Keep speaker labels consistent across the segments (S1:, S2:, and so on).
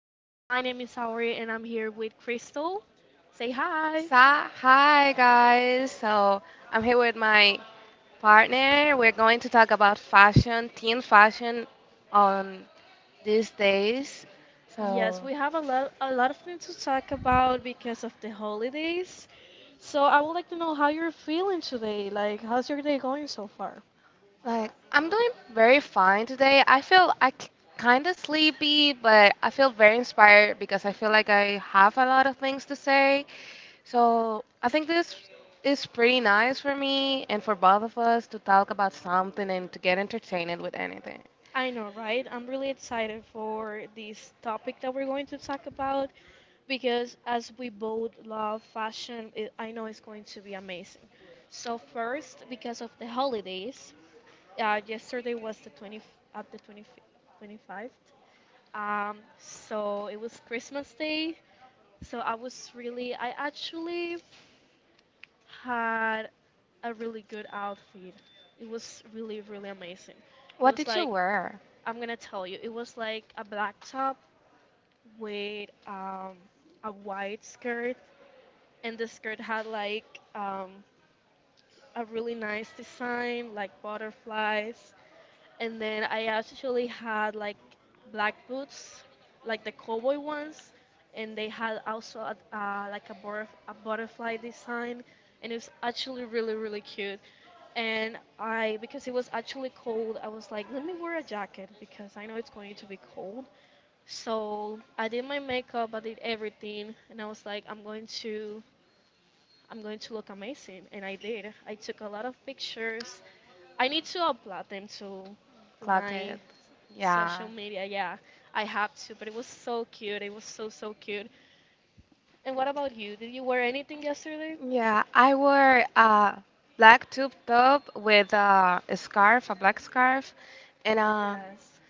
S1: My name is Saori and I'm here with Crystal. Say hi.
S2: So, hi guys. So, I'm here with my partner. We're going to talk about fashion, teen fashion on these days.
S1: Yes,
S2: So,
S1: we have a lot of things to talk about because of the holidays. So I would like to know how you're feeling today. Like how's your day going so far?
S2: like, I'm doing very fine today. I kind of sleepy, but I feel very inspired because I feel like I have a lot of things to say. So, I think this is pretty nice for me and for both of us to talk about something and to get entertained with anything.
S1: I know, right? I'm really excited for this topic that we're going to talk about because as we both love fashion, I know it's going to be amazing. So first, because of the holidays, yesterday was the 20 at the 20, 25th. So it was Christmas Day. So I actually had a really good outfit. It was really, really amazing. It
S2: What
S1: was
S2: did you
S1: like,
S2: wear,
S1: I'm gonna tell you, it was like a black top with a white skirt, and the skirt had like um, a really nice design, like butterflies. And then I actually had like black boots, like the cowboy ones, and they had also a butterfly design, and it was actually really really cute. And I because it was actually cold, I was like, let me wear a jacket because I know it's going to be cold. So I did my makeup, I did everything, and I was like, I'm going to look amazing. And I did. I took a lot of pictures. I need to upload them to my
S2: Clockett?
S1: social
S2: Yeah.
S1: media. Yeah, I have to. But it was so cute. It was so cute. And what about you? Did you wear anything yesterday?
S2: Yeah, I wore a black tube top with a scarf, a black scarf, and
S1: Oh
S2: a
S1: yes.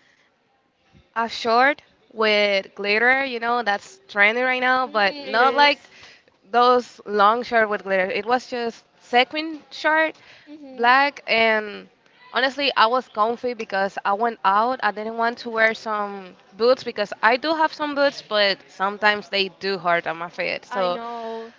S2: a short with glitter. You know, that's trendy right now,
S1: Mhm.
S2: but
S1: It
S2: not like,
S1: is.
S2: yes, those long short with glitter. It was just sequin short,
S1: Mhm.
S2: black, and honestly, I was comfy because I went out. I didn't want to wear some boots because I do have some boots, but sometimes they do hurt on my feet.
S1: I
S2: So
S1: know.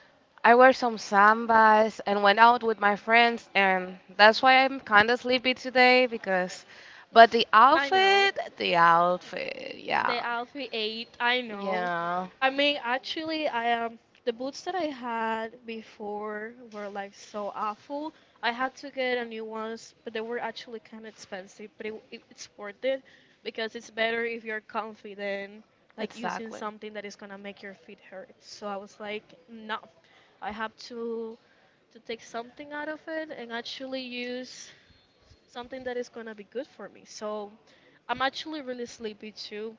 S2: I wear some sambas and went out with my friends, and that's why I'm kind of sleepy today because, but the
S1: I know.
S2: outfit, the outfit,
S1: The
S2: yeah,
S1: Alfie 8, I know.
S2: yeah.
S1: I mean, actually, I the boots that I had before were like so awful. I had to get a new ones, but they were actually kind of expensive. But it's worth it because it's better if you're comfy than like using
S2: Exactly.
S1: something that is gonna make your feet hurt. So I was like, no, I have to take something out of it and actually use something that is gonna be good for me. So I'm actually really sleepy too.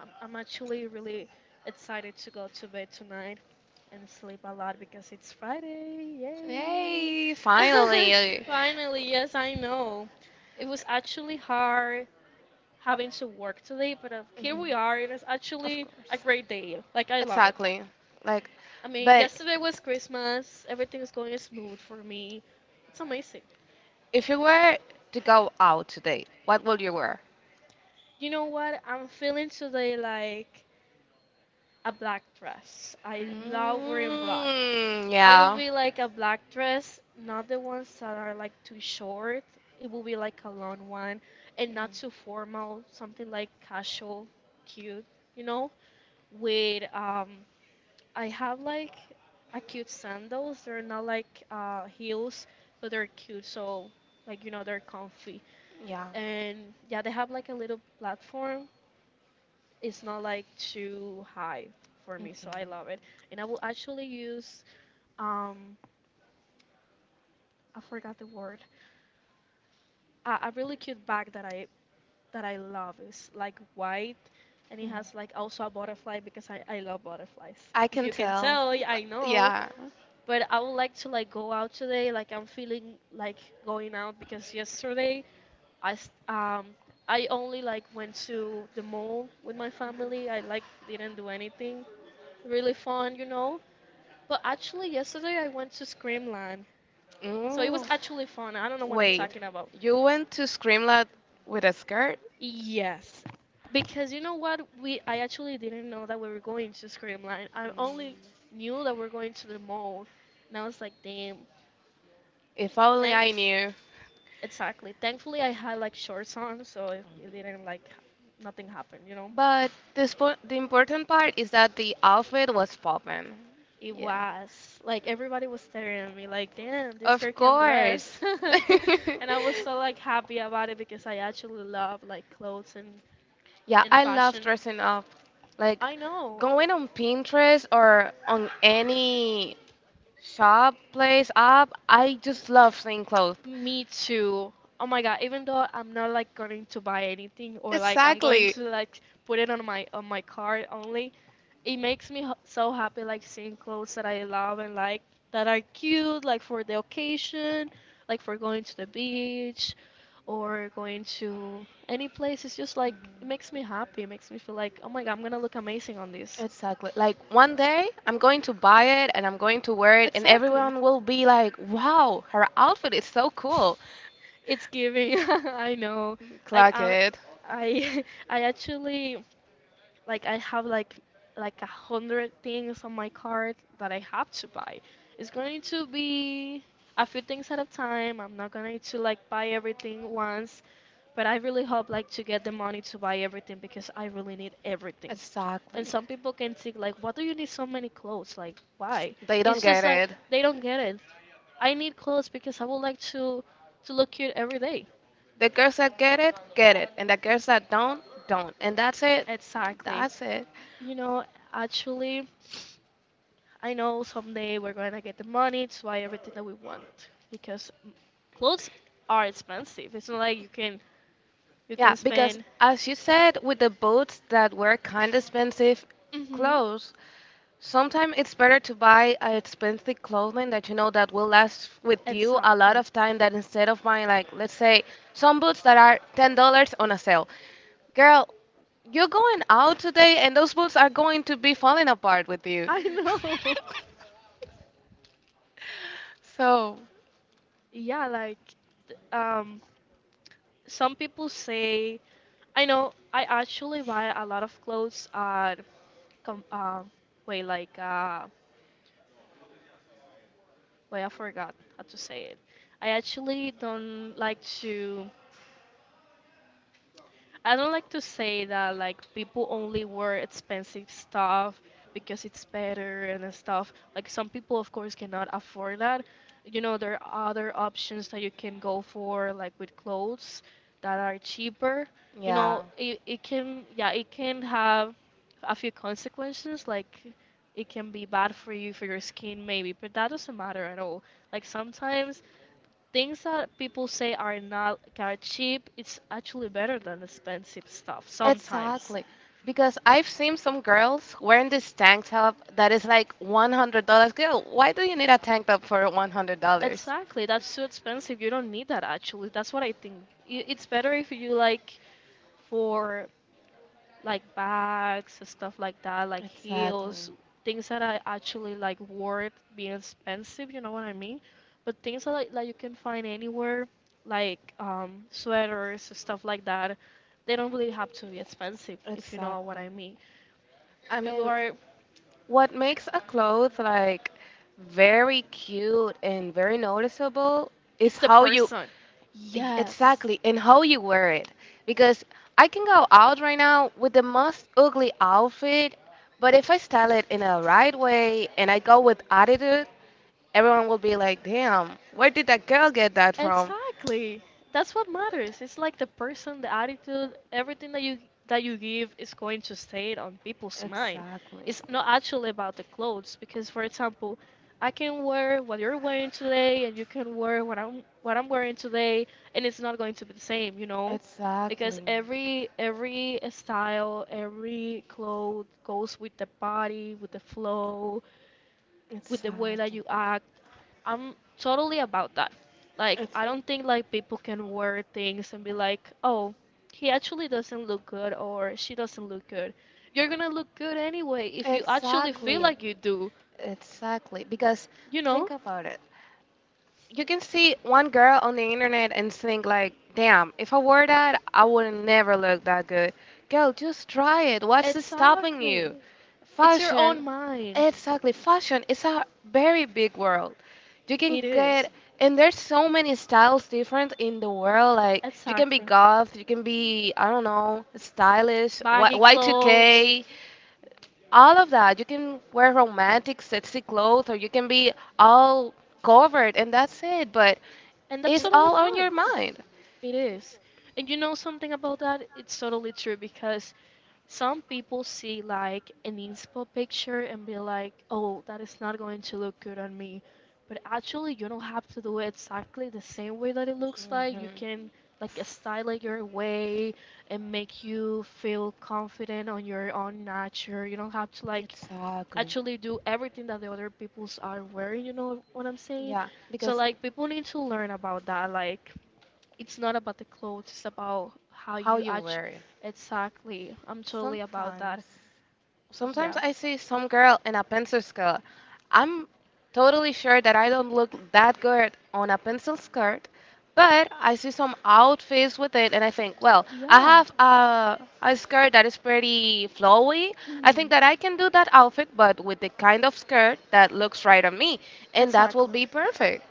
S1: I'm actually really excited to go to bed tonight and sleep a lot because it's Friday. Yay!
S2: Yay, finally. Mhm.
S1: Finally, yes, I know. It was actually hard having to work today, but here we are, and it's
S2: Of
S1: actually a
S2: course.
S1: great day. Like, I love it.
S2: Exactly. Like,
S1: I mean,
S2: but
S1: yesterday was Christmas. Everything is going smooth for me. It's amazing.
S2: if you were to go out today, what would you wear?
S1: You know what? I'm feeling today like a black dress. I love wearing black.
S2: Mm,
S1: I will
S2: yeah.
S1: be like a black dress, not the ones that are like too short. It will be like a long one and not too formal, something like casual, cute, you know? With I have like a cute sandals. They're not like heels, but they're cute, so like you know, they're comfy.
S2: Yeah.
S1: And yeah, they have like a little platform. It's not like too high for me, so
S2: Okay.
S1: I love it. And I will actually use um I forgot the word. A really cute bag that I love is like white, and it has like also a butterfly because I love butterflies.
S2: I
S1: If
S2: can
S1: you can
S2: tell.
S1: tell, yeah, I know.
S2: Yeah.
S1: But I would like to like go out today. Like I'm feeling like going out because yesterday I s- um I only like went to the mall with my family. I like didn't do anything really fun, you know. But actually, yesterday I went to Screamland, so it was
S2: Ooh.
S1: actually fun. I don't know what I'm
S2: Wait,
S1: talking about.
S2: you went to Screamlab with a skirt?
S1: Yes, because you know what? We I actually didn't know that we were going to Screamland. I
S2: Mm.
S1: only knew that we are going to the mall, and I was like, damn.
S2: If only
S1: Thank
S2: I knew.
S1: Exactly. Thankfully, I had like shorts on, so it didn't like nothing happened, you know.
S2: But the important part is that the outfit was poppin'.
S1: It
S2: Yeah.
S1: was like everybody was staring at me, like, damn, this girl
S2: Of
S1: can dress.
S2: course.
S1: And I was so like happy about it because I actually love like
S2: Yeah,
S1: and
S2: I love
S1: fashion.
S2: dressing up. Like
S1: I know,
S2: going on Pinterest or on any shop, place, app, I just love seeing clothes.
S1: me too. Oh my God, even though I'm not like going to buy anything or like I'm going to like put it on my card only, it makes me so happy like seeing clothes that I love and like that are cute like for the occasion, like for going to the beach or going to any place. It's just like
S2: Mhm.
S1: it makes me happy, it makes me feel like oh my god I'm gonna look amazing on this.
S2: Exactly. Like one day I'm going to buy it and I'm going to wear it and
S1: Exactly,
S2: everyone will be like, "Wow, her outfit is so cool."
S1: it's giving. I know, like
S2: Clock
S1: I
S2: it.
S1: I I actually like I have like 100 things on my cart that I have to buy. It's going to be a few things at a time. I'm not going to like buy everything once, but I really hope like to get the money to buy everything because I really need everything. And
S2: Exactly.
S1: some people can think like, what do you need so many clothes? Like, why?
S2: They don't
S1: It's
S2: get
S1: just like
S2: it.
S1: they don't get it. I need clothes because I would like to look cute every day.
S2: The girls that get it, and the girls that don't, don't. And that's it.
S1: Exactly.
S2: That's it.
S1: You know, actually, I know someday we're going to get the money to buy everything that we want because mm, clothes are expensive. It's not like you
S2: Yeah,
S1: can
S2: because
S1: spend.
S2: as you said, with the boots that were kind of expensive
S1: Mhm.
S2: clothes, sometimes it's better to buy a expensive clothing that you know that will last with you a lot
S1: Exactly.
S2: of time than instead of buying, like, let's say some boots that are $10 on a sale. Girl, you're going out today and those boots are going to be falling apart with you.
S1: I know.
S2: So
S1: Yeah, like th- um some people say I know I actually buy a lot of clothes at com wait like wait, I forgot how to say it. I actually don't like to. I don't like to say that like people only wear expensive stuff because it's better and stuff. Like some people, of course, cannot afford that. You know, there are other options that you can go for, like with clothes that are cheaper. You
S2: yeah.
S1: know, it can have a few consequences. Like it can be bad for you, for your skin, maybe, but that doesn't matter at all. Like sometimes things that people say are not are cheap, it's actually better than expensive stuff sometimes.
S2: Exactly. Because I've seen some girls wearing this tank top that is like $100. Girl, why do you need a tank top for $100?
S1: Exactly, that's too expensive. You don't need that actually. That's what I think. I- It's better if you like for like bags, and stuff like that, like
S2: Exactly.
S1: heels, things that are actually like worth being expensive, you know what I mean? But things that like you can find anywhere, like sweaters, and stuff like that, they don't really have to be expensive, if you know what
S2: Exactly.
S1: I mean.
S2: I
S1: You
S2: mean,
S1: are,
S2: what makes a clothes like very cute and very noticeable is
S1: it's the
S2: how you
S1: person. Yes.
S2: Exactly, and how you wear it. Because I can go out right now with the most ugly outfit, but if I style it in a right way and I go with attitude, everyone will be like, "Damn, where did that girl get that from?"
S1: Exactly. That's what matters. It's like the person, the attitude, everything that you give is going to stay on people's mind.
S2: Exactly.
S1: It's not actually about the clothes because for example, I can wear what you're wearing today and you can wear what I'm wearing today, and it's not going to be the same, you know? Because
S2: Exactly.
S1: every style, every clothes goes with the body, with the flow, with the way that
S2: Exactly.
S1: you act. I'm totally about that. Like, I don't think like people can wear things and be like, "Oh, he actually doesn't look good or she doesn't look good." You're gonna look good anyway if you
S2: It's
S1: actually feel
S2: exactly.
S1: like you do,
S2: Exactly. Because
S1: you know?
S2: think about it. You can see one girl on the internet and think like, damn, if I wore that, I would never look that good. Girl, just try it. What's stopping
S1: Exactly.
S2: you?
S1: It's your own
S2: Fashion,
S1: mind.
S2: exactly. Fashion is a very big world. You
S1: It
S2: can
S1: is.
S2: get, and there's so many styles different in the world. Like you can be
S1: Exactly.
S2: goth, you can be, I don't know, stylish,
S1: Baggy clothes.
S2: Y2K, all of that. You can wear romantic, sexy clothes, or you can be all covered, and that's it. But
S1: And that's
S2: it's
S1: totally
S2: all on your
S1: fine.
S2: mind.
S1: It is. And you know something about that? It's totally true because some people see like an inspo picture and be like, oh, that is not going to look good on me. But actually, you don't have to do it exactly the same way that it looks like. You
S2: Hmm.
S1: can like style it your way and make you feel confident on your own nature. You don't have to like
S2: Exactly.
S1: actually do everything that the other peoples are wearing, you know what I'm saying?
S2: Yeah,
S1: So
S2: because
S1: like people need to learn about that. Like it's not about the clothes, it's about how
S2: how
S1: you
S2: you
S1: actually.
S2: wear it.
S1: Exactly. I'm totally about that.
S2: Sometimes. Sometimes.
S1: Yeah.
S2: I see some girl in a pencil skirt. I'm totally sure that I don't look that good on a pencil skirt, but I see some outfits with it and I think, well, I
S1: Yeah.
S2: have a skirt that is pretty flowy. I think
S1: Hmm.
S2: that I can do that outfit, but with the kind of skirt that looks right on me, and that will
S1: Exactly.
S2: be perfect.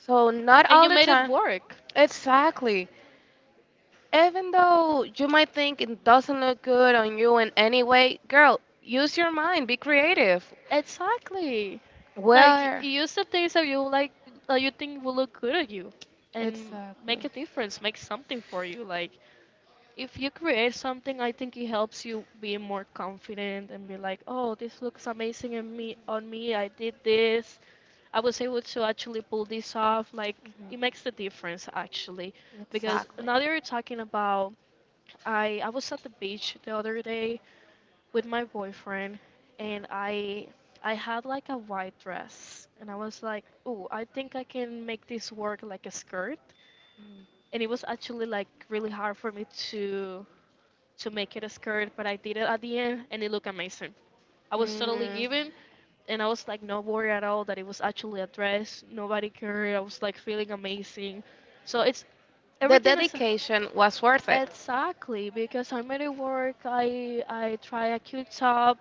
S2: So, not
S1: And
S2: all
S1: you
S2: the
S1: made it
S2: time.
S1: work.
S2: Exactly. Even though you might think it doesn't look good on you in any way, girl, use your mind, be creative.
S1: Exactly. Like
S2: Where?
S1: you use the things that you like that you think will look good on you and make
S2: Exactly.
S1: a difference, make something for you. Like if you create something, I think it helps you be more confident and be like, oh, this looks amazing on me. On me, I did this. I was able to actually pull this off. Like
S2: Mhm.
S1: it makes the difference actually, because
S2: Exactly.
S1: now that you're talking about, I was at the beach the other day with my boyfriend, and I had like a white dress, and I was like, oh, I think I can make this work like a skirt.
S2: Mm.
S1: And it was actually like really hard for me to make it a skirt, but I did it at the end and it looked amazing. I was totally
S2: Mm.
S1: given and I was like not worried at all that it was actually a dress. Nobody cared. I was like feeling amazing. So it's
S2: The
S1: everything is
S2: dedication was worth it.
S1: exactly because I made it work. I try a cute top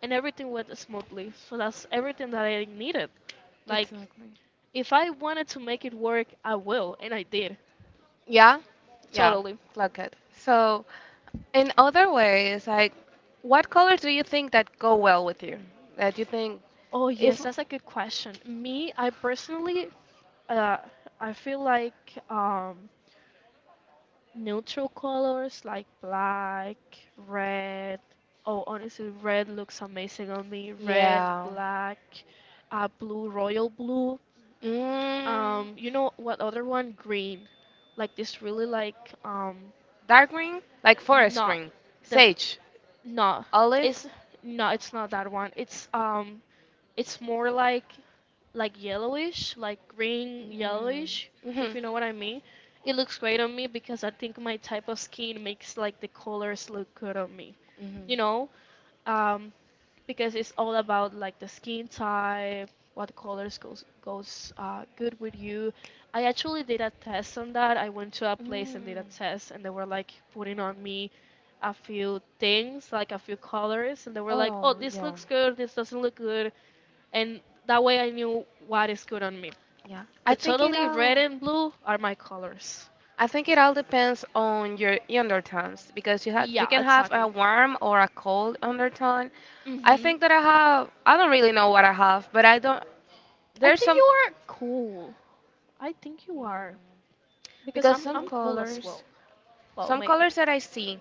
S1: and everything went smoothly. So that's everything that I needed. Like
S2: Exactly.
S1: if I wanted to make it work, I will and I did.
S2: Yeah, yeah,
S1: Totally.
S2: like it. So, in other ways, like, what colors do you think that go well with you? That you think,
S1: Oh,
S2: if,
S1: yes, that's a good question. Me, I personally, uh, I feel like um, neutral colors like black, red. Oh, honestly, red looks amazing on me. Red,
S2: yeah.
S1: black, blue, royal blue.
S2: Mm.
S1: You know what other one? Green. Like this really like
S2: Dark green, like forest
S1: No,
S2: green,
S1: the
S2: sage,
S1: no, it's
S2: olive.
S1: no, it's not that one. It's more like yellowish, like green
S2: Mm.
S1: yellowish,
S2: Hmm, hmm.
S1: if you know what I mean. It looks great on me because I think my type of skin makes like the colors look good on me. You know, um, because it's all about like the skin type, what colors goes good with you. I actually did a test on that. I went to a place and did a
S2: Mm.
S1: test, and they were like putting on me a few things, like a few colors, and they were like, "Oh,
S2: Oh
S1: this
S2: yeah,
S1: looks good. This doesn't look good," and that way I knew what is good on me.
S2: yeah. I
S1: But
S2: think it
S1: totally,
S2: all.
S1: red and blue are my colors.
S2: I think it all Depends on your undertones because you
S1: Yeah,
S2: can have a
S1: exactly.
S2: warm or a cold undertone. I
S1: hmm
S2: think that I have. I don't really know what I have, but I don't.
S1: I
S2: There's
S1: think
S2: some.
S1: you are cool. I think you are
S2: Yeah.
S1: because
S2: Because
S1: I'm
S2: some
S1: I'm cool as
S2: colors,
S1: well. Well,
S2: some
S1: maybe.
S2: colors that I see,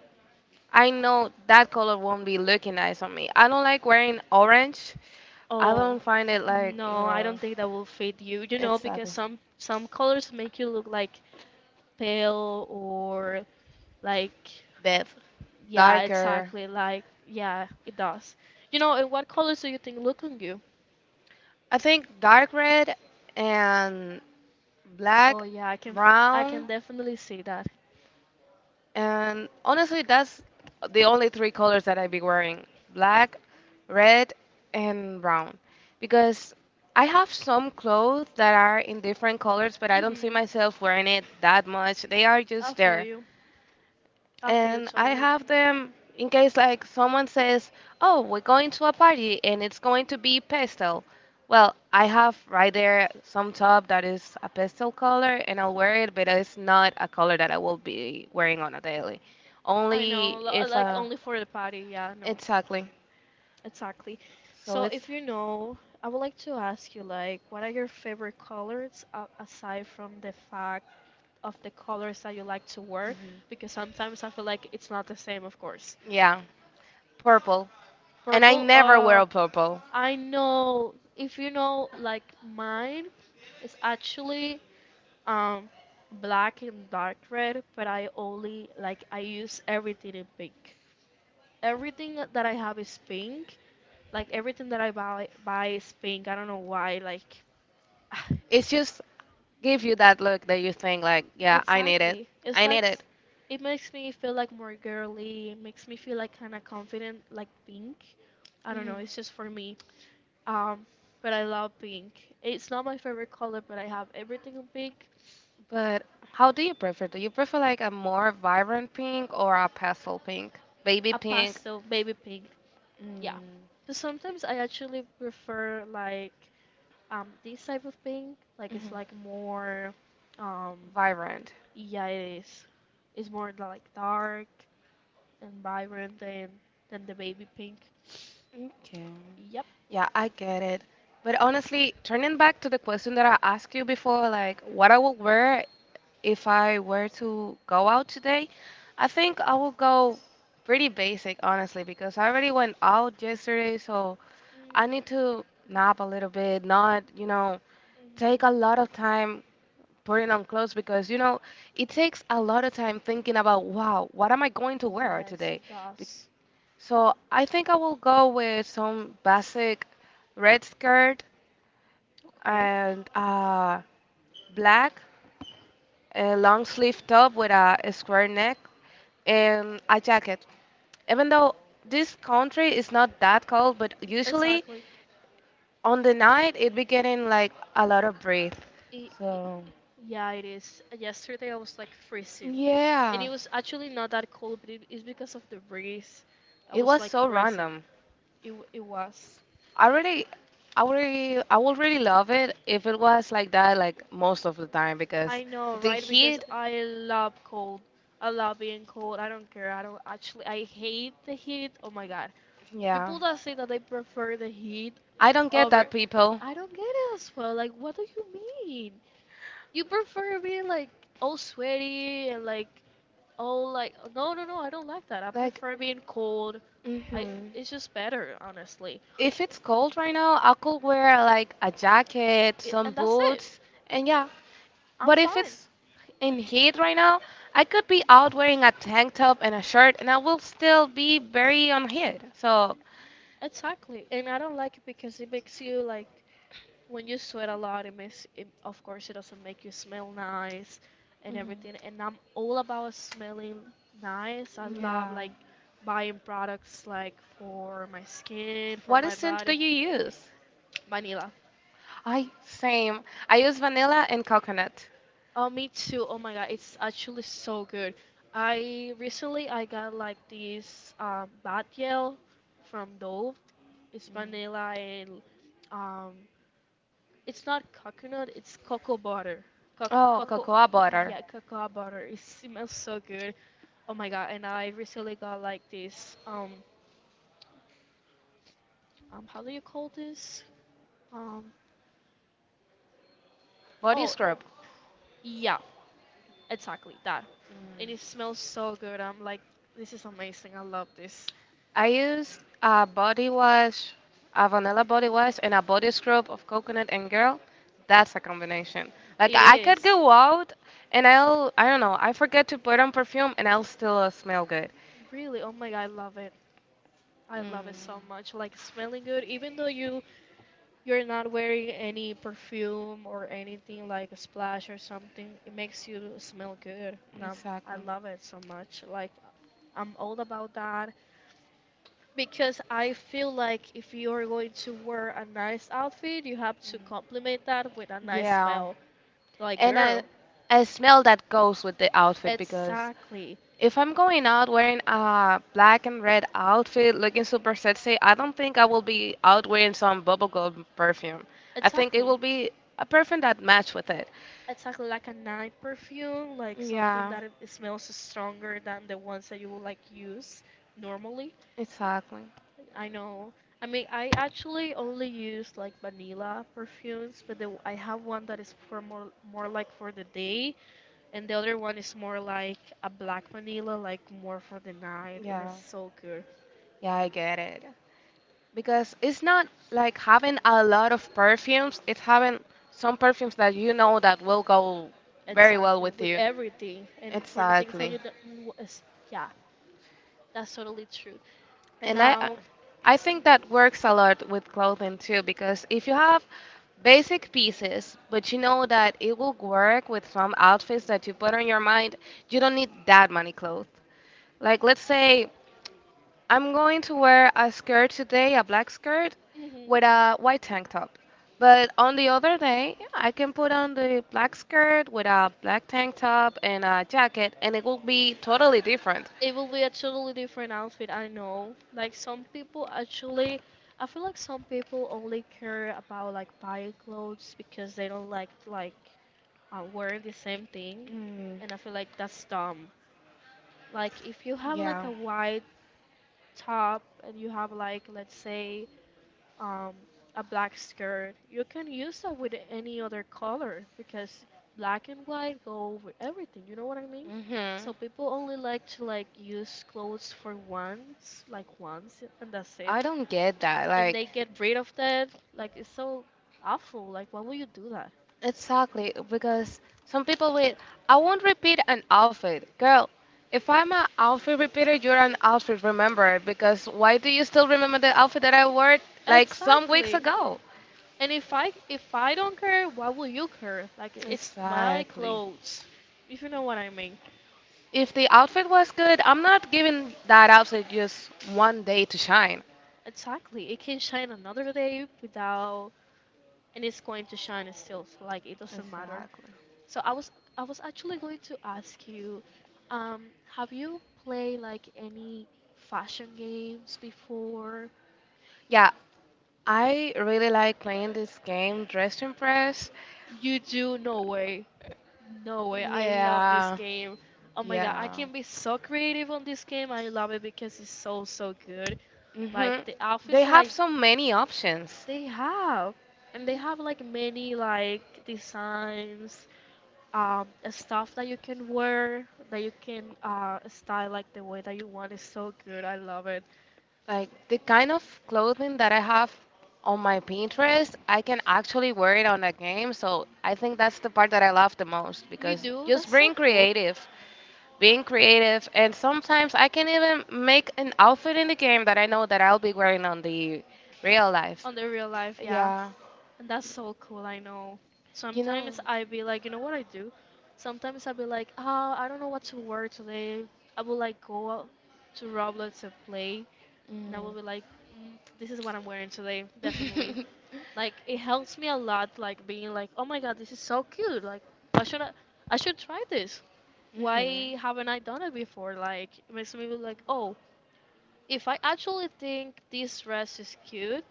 S2: I know that color won't be looking nice on me. I don't like wearing orange. I
S1: Oh,
S2: don't find it like,
S1: no, I don't think that will fit you. You know,
S2: it's like
S1: because some colors make you look like pale or like
S2: Bev.
S1: yeah,
S2: Darker.
S1: exactly. Like yeah, it does. You know, and what colors do you think look on you?
S2: I think dark red and black,
S1: Oh yeah, I can
S2: brown.
S1: definitely see that.
S2: And honestly, that's the only three colors that I be wearing: black, red, and brown. Because I have some clothes that are in different colors, but I don't see
S1: Mhm.
S2: myself wearing it that much. They are
S1: I
S2: just
S1: feel there.
S2: there,
S1: You. I feel you
S2: and I
S1: totally.
S2: have them in case like someone says, "Oh, we're going to a party and it's going to be pastel." Well, I have right there some top that is a pastel color and I'll wear it, but it's not a color that I will be wearing on a daily.
S1: I only
S2: Only
S1: know, li-
S2: if
S1: like only for the party. Yeah, no,
S2: exactly.
S1: exactly.
S2: So
S1: So if
S2: it's
S1: you know, I would like to ask you, like, what are your favorite colors aside from the fact of the colors that you like to wear?
S2: mhm.
S1: Because sometimes I feel like it's not the same, of course.
S2: Yeah, purple. And I
S1: Purple.
S2: never wear purple.
S1: I know. If you know, like mine is actually um black and dark red, but I only like I use everything in pink. Everything that I have is pink. Like everything that I buy is pink. I don't know why. Like
S2: It just gives you that look that you think like, yeah, I need it.
S1: Exactly.
S2: I need it.
S1: It makes me feel like more girly. It makes me feel like kind of confident, like pink. I don't know.
S2: Mhm.
S1: It's just for me. Um, but I love pink. It's not my favorite color, but I have everything in pink.
S2: But how do you prefer? Do you prefer like a more vibrant pink or a pastel pink? Baby
S1: A
S2: pink?
S1: pastel, baby pink. Yeah.
S2: Mm.
S1: But sometimes I actually prefer like this type of pink. Like it's like more um
S2: Vibrant.
S1: yeah, it is. It's more like dark. And vibrant and the baby pink.
S2: Okay.
S1: Yep.
S2: Yeah, I get it. But honestly, turning back to the question that I asked you before, like what I would wear if I were to go out today, I think I will go pretty basic, honestly, because I already went out yesterday, so
S1: Mm,
S2: I
S1: mhm.
S2: need to nap a little bit, not, take a lot of time putting on clothes because, it takes a lot of time thinking about, wow, what am I going to wear
S1: Yes,
S2: today?
S1: it does.
S2: So I think I will go with some basic red skirt
S1: Okay.
S2: and black, a long sleeve top with a square neck, and a jacket. Even though this country is not that cold, but usually
S1: Exactly.
S2: on the night it be getting like a lot of breeze.
S1: It, it,
S2: So
S1: yeah, it is. Yesterday I was like freezing, and
S2: yeah,
S1: it was actually not that cold, but it is because of the breeze. I
S2: it
S1: was
S2: was
S1: like
S2: so
S1: freezing.
S2: random.
S1: It w- it was.
S2: I really, I would really love it if it was like that, like most of the time, because
S1: I know,
S2: the
S1: right? Because
S2: heat,
S1: I love cold. I love being cold. I don't care. I don't actually. I hate the heat. Oh my God,
S2: yeah.
S1: people that say that they prefer the heat
S2: I don't get
S1: over.
S2: that, people.
S1: I don't get it as well. Like, what do you mean? You prefer being like all sweaty and like all like. No, no, no. I don't like that. I
S2: Like,
S1: prefer being cold. I.
S2: hmm.
S1: It's just better, honestly.
S2: If it's cold right now, I could wear like a jacket,
S1: It,
S2: some
S1: and that's it.
S2: boots, and yeah.
S1: I'm
S2: But if
S1: fine.
S2: it's in heat right now, I could be out wearing a tank top and a shirt, and I will still be very on heat. So,
S1: Exactly. And I don't like it because it makes you like when you sweat a lot, it makes it, of course it doesn't make you smell nice and
S2: mhm,
S1: everything. And I'm all about smelling nice. I love
S2: yeah.
S1: like buying products like for my skin, for
S2: What
S1: my
S2: scent do
S1: body,
S2: you use?
S1: vanilla.
S2: I same. I use vanilla and coconut.
S1: Oh, me too. Oh my God, it's actually so good. I Recently I got like this bath gel from Dove. It's
S2: Mhm.
S1: vanilla and um, it's not coconut, it's cocoa butter. Co-
S2: Oh,
S1: Cocoa,
S2: cocoa butter,
S1: yeah, cocoa butter. It smells so good. Oh my god! And I recently got like this. How do you call this? Um,
S2: body
S1: oh,
S2: scrub.
S1: yeah, exactly that. And it smells so good. I'm like, this is amazing. I love this.
S2: I used a body wash, a vanilla body wash, and a body scrub of coconut and girl. That's a combination. Like
S1: It
S2: I could
S1: is.
S2: go out and I'll, I don't know, I forget to put on perfume and I'll still smell good.
S1: Really, oh my god, I love it. I love it
S2: Mm.
S1: so much. Like smelling good, even though you're not wearing any perfume or anything like a splash or something, it makes you smell good. I
S2: Exactly.
S1: love it so much. Like, I'm all about that because I feel like if you're going to wear a nice outfit, you have to complement that with a
S2: Mhm.
S1: nice
S2: Yeah.
S1: smell. Like,
S2: And I,
S1: girl,
S2: I smell that goes with the outfit because
S1: exactly,
S2: if I'm going out wearing a black and red outfit looking super sexy, I don't think I will be out wearing some bubblegum perfume. I think it
S1: exactly.
S2: will be a perfume that match with it.
S1: Exactly like a night perfume, like something
S2: Yeah,
S1: that it smells stronger than the ones that you would like use normally.
S2: exactly.
S1: I know. I mean, I actually only use like vanilla perfumes, but I have one that is for more like for the day, and the other one is more like a black vanilla, like more for the night, and
S2: Yeah.
S1: it's so good.
S2: Yeah, I get it. Because it's not like having a lot of perfumes. It's having some perfumes that you know that will go very well
S1: Exactly,
S2: with
S1: with
S2: you.
S1: everything, and for the things that
S2: Exactly.
S1: you don't, you wa- is- yeah, that's totally true.
S2: And I
S1: Now,
S2: I think that works a lot with clothing too because if you have basic pieces but you know that it will work with some outfits that you put on your mind, you don't need that many clothes. Like let's say I'm going to wear a skirt today, a black skirt,
S1: hmm
S2: with a white tank top. But on the other day, yeah, I can put on the black skirt with a black tank top and a jacket, and it will be totally different.
S1: it will be a totally different outfit, I know. Like some people actually, I feel like some people only care about like buying clothes because they don't like wearing the same thing,
S2: Mm,
S1: and I feel like that's dumb. Like if you have like
S2: yeah.
S1: a white top and you have like let's say um, a black skirt. You can use that with any other color because black and white go with everything. You know what I mean?
S2: Hmm.
S1: So people only like to like use clothes for once, like once, and that's it.
S2: I don't get that.
S1: And
S2: Like,
S1: they get rid of that. Like it's so awful. Like why would you do that?
S2: exactly, because some people will, I won't repeat an outfit. Girl, if I'm an outfit repeater, you're an outfit rememberer, because why do you still remember the outfit that I wore like some weeks
S1: Exactly.
S2: ago?
S1: And if I don't care, why will you care? Like it's my
S2: Exactly.
S1: clothes. If you know what I mean.
S2: If the outfit was good, I'm not giving that outfit just one day to shine.
S1: Exactly. It can shine another day without and it's going to shine still. So, like it doesn't matter.
S2: Exactly.
S1: So I was actually going to ask you, um, have you played like any fashion games before?
S2: Yeah, I really like playing this game, Dress to Impress.
S1: You do? No way. No way. I love this
S2: Yeah,
S1: game. Oh my god, I
S2: yeah.
S1: can be so creative on this game. I love it because it's so so good.
S2: Hmm.
S1: Like the outfits
S2: They
S1: that
S2: have
S1: I
S2: so many options.
S1: they have. And they have like many like designs stuff that you can wear, that you can style like the way that you want is so good. I love it.
S2: Like the kind of clothing that I have on my Pinterest, I can actually wear it on a game. So I think that's the part that I love the most
S1: You
S2: because
S1: do? That's
S2: just
S1: so
S2: being
S1: cool.
S2: creative, being creative, and sometimes I can even make an outfit in the game that I know that I'll be wearing on the real life.
S1: On the real life, yeah.
S2: Yeah,
S1: And that's so cool, I know.
S2: you know.
S1: Sometimes I be like, you know what I do? Sometimes I be like, ah, I don't know what to wear today. I will like go out to Roblox and play, and I will
S2: Mm.
S1: be like, mm, this is what I'm wearing today, definitely. Like it helps me a lot, like being like, oh my god, this is so cute. Like why should I? I should try this.
S2: Mhm.
S1: Why haven't I done it before? Like it makes me be like, oh, if I actually think this dress is cute,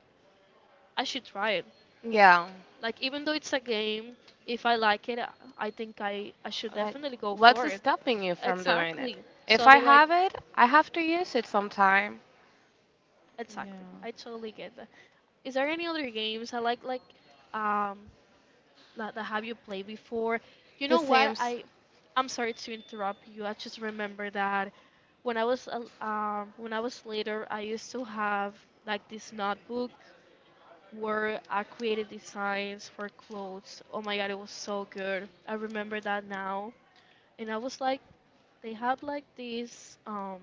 S1: I should try it.
S2: Yeah.
S1: Like even though it's a game, if I like it, I think I should
S2: Like,
S1: definitely go for
S2: what's
S1: it.
S2: stopping you from doing it?
S1: Exactly. So
S2: If
S1: I'll
S2: I
S1: be like,
S2: have it, I have to use it sometime.
S1: exactly. I
S2: Yeah.
S1: totally get that. Is there any other games I like um that, that have you played before? You
S2: The
S1: know what?
S2: Sims.
S1: I'm sorry to interrupt you. I just remember that when I was when I was later, I used to have like this notebook where I created designs for clothes. Oh my god, it was so good. I remember that now. And I was like, they had like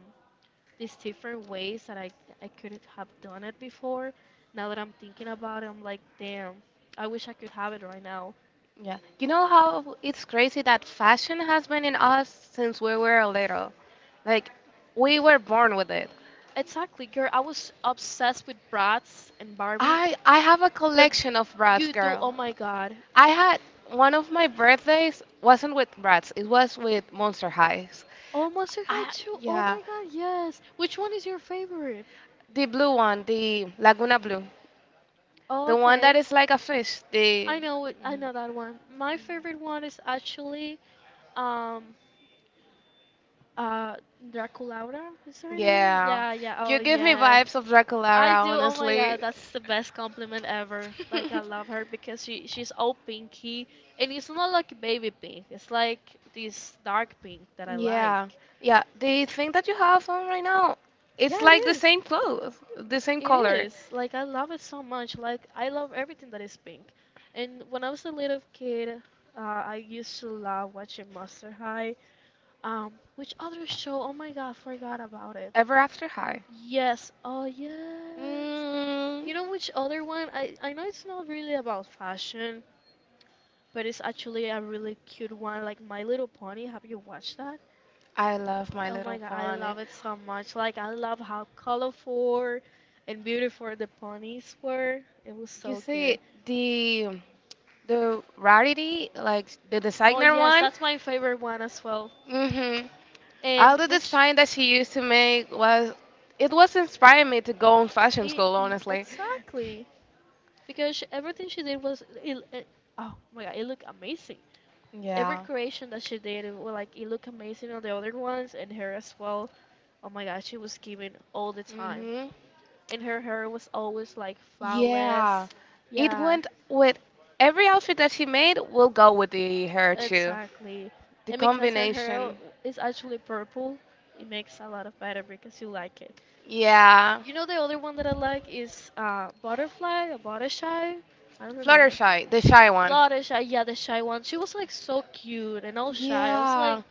S1: these different ways that I couldn't have done it before. Now that I'm thinking about it, I'm like, damn, I wish I could have it right now.
S2: Yeah. You know how it's crazy that fashion has been in us since we were little. Like we were born with it.
S1: Exactly, girl. I was obsessed with Bratz and Barbie,
S2: I have a
S1: but
S2: collection of brats,
S1: you do.
S2: girl.
S1: Oh my God.
S2: I had one of my birthdays wasn't with brats. It was with Monster Highs.
S1: Oh, Monster High
S2: I
S1: too. Oh
S2: Yeah,
S1: my God, yes. Which one is your favorite?
S2: the blue one, the Laguna Blue.
S1: Oh,
S2: The one that
S1: okay.
S2: is like a fish. The
S1: I know. It- I
S2: Mhm.
S1: know that one. My favorite one is actually, um, Uh, Draculaura is her name?
S2: Yeah.
S1: Yeah, yeah. Oh,
S2: You give me
S1: yeah.
S2: vibes of
S1: I
S2: Draculara,
S1: do. Oh my
S2: honestly.
S1: God, that's the best compliment ever. Like I love her because she's all pinky, and it's not like baby pink. It's like this dark pink that I
S2: Yeah.
S1: like.
S2: Yeah. The thing that you have on right now,
S1: Yeah,
S2: it's
S1: it
S2: like the
S1: is.
S2: same clothes, the same
S1: It
S2: color.
S1: is. Like I love it so much. Like I love everything that is pink. And when I was a little kid, uh, I used to love watching Monster High. Which other show? Oh my god, forgot about it.
S2: Ever After High.
S1: Yes, oh yes.
S2: Mm,
S1: You know which other one? I know it's not really about fashion, but it's actually a really cute one, like My Little Pony. Have you watched that?
S2: I love My
S1: Oh
S2: Little
S1: my god, I
S2: Pony.
S1: love it so much. Like I love how colorful and beautiful the ponies were. It was
S2: You
S1: so good.
S2: see, the The Rarity, like the
S1: Oh
S2: designer
S1: yes,
S2: one.
S1: that's my favorite one as well.
S2: Mhm. All
S1: And
S2: the
S1: which
S2: design that she used to make was it was inspiring me to go on fashion
S1: it,
S2: school, honestly.
S1: exactly because she- everything she did was oh my god it looked amazing, every
S2: Yeah.
S1: creation that she did it was like it looked amazing on the other ones and her as well. Oh my god she was giving all the time
S2: Mhm.
S1: and her hair was always like flawless.
S2: Yeah. It
S1: Yeah,
S2: went with every outfit that she made will go with the hair too.
S1: exactly.
S2: The
S1: And because her hair
S2: combination.
S1: is actually purple, it makes a lot of better because you like it.
S2: Yeah.
S1: You know the other one that I like is Butterfly or Buttershy. I don't remember.
S2: Fluttershy, the shy one.
S1: Fluttershy, yeah, the shy one. She was like so cute and all shy. I was
S2: Yeah.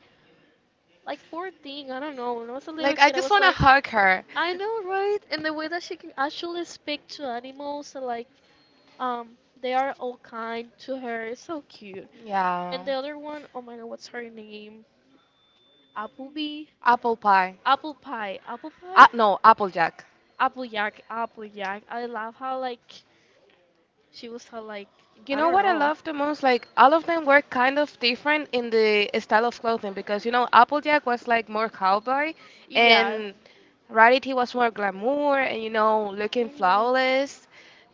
S1: like poor thing, I don't know. When I was a little
S2: Like I
S1: kid, I
S2: just
S1: was
S2: want to
S1: like,
S2: hug her.
S1: I know, right? And the way that she can actually speak to animals, so, like, um, they are all kind to her. It's so cute.
S2: Yeah.
S1: And the other one, oh my God, what's her name? Applebee,
S2: Apple pie.
S1: apple pie,
S2: Ah, no, Applejack.
S1: apple yak. I love how like she was how like
S2: You
S1: I
S2: know
S1: don't
S2: what I
S1: know.
S2: love the most? Like all of them were kind of different in the style of clothing because, you know, Applejack was like more cowboy,
S1: Yeah.
S2: and Rarity was more glamour and, you know, looking
S1: Mhm.
S2: flawless,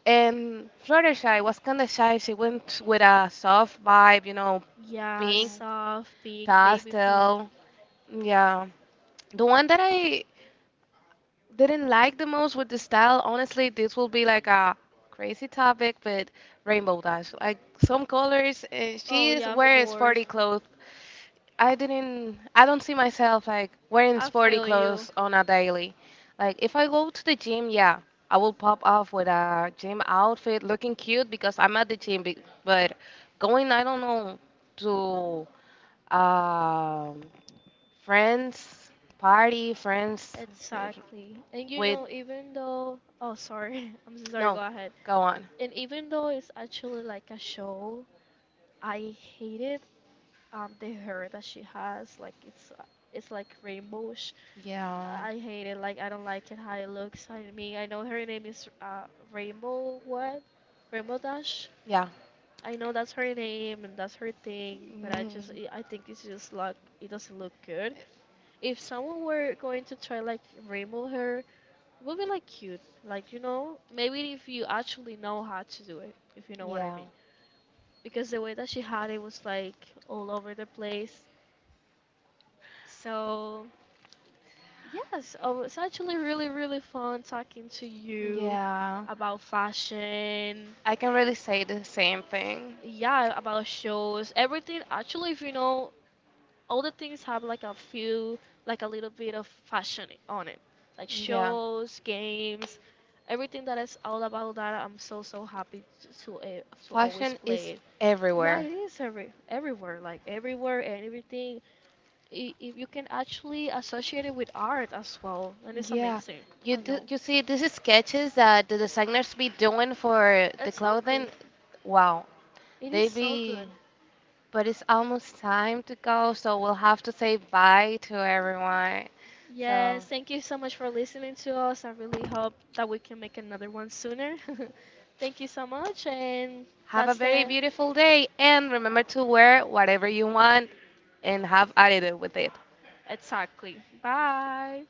S2: and Fluttershy was kind of shy. She went with a soft vibe,
S1: Yeah,
S2: pink,
S1: soft, big, baby
S2: pastel.
S1: pink.
S2: Yeah, the one that I didn't like the most with the style, honestly, this will be like a crazy topic, but Rainbow Dash. Like some colors,
S1: Oh
S2: she is
S1: yeah, of
S2: wearing
S1: course.
S2: sporty clothes. I don't see myself like wearing
S1: I
S2: sporty
S1: feel you.
S2: clothes on a daily. Like if I go to the gym, yeah, I will pop off with a gym outfit looking cute because I'm at the gym, but going, I don't know, to um, friends, party, friends uh,
S1: Exactly. And you
S2: with.
S1: know, even though, oh, sorry, I'm so sorry, go
S2: No,
S1: ahead.
S2: go on.
S1: And even though it's actually like a show, I hated the hair that she has. Like it's like rainbowish.
S2: Yeah.
S1: I hate it. Like I don't like it how it looks. I mean, I know her name is Rainbow what? Rainbow Dash.
S2: Yeah.
S1: I know that's her name and that's her thing, but I just
S2: Mm.
S1: I I think it's just like it doesn't look good. If someone were going to try like remove her, it would be like cute, like you know, maybe if you actually know how to do it, if you know what I
S2: Yeah.
S1: mean. Because the way that she had it was like all over the place. So yes, oh, it's actually really really fun talking to you
S2: Yeah.
S1: about fashion,
S2: I can really say the same thing.
S1: yeah about shows everything actually if you know all the things have like a few, like a little bit of fashion on it, like
S2: Yeah.
S1: shows, games, everything that is all about that. I'm so so happy to to always
S2: Fashion
S1: play
S2: is
S1: it. Yeah,
S2: everywhere.
S1: it is everywhere, like everywhere and everything. I- If you can actually associate it with art as well, then it's
S2: Yeah.
S1: amazing.
S2: You
S1: I
S2: do,
S1: know.
S2: you see these sketches that the designers be doing for the clothing.
S1: Exactly.
S2: Wow.
S1: It is
S2: They
S1: so
S2: be
S1: good.
S2: But it's almost time to go, so we'll have to say bye to everyone. So
S1: Yes, thank you so much for listening to us. I really hope that we can make another one sooner. Thank you so much, and
S2: have a
S1: that's
S2: very
S1: the
S2: beautiful day, and remember to wear whatever you want and have attitude with it.
S1: exactly. Bye.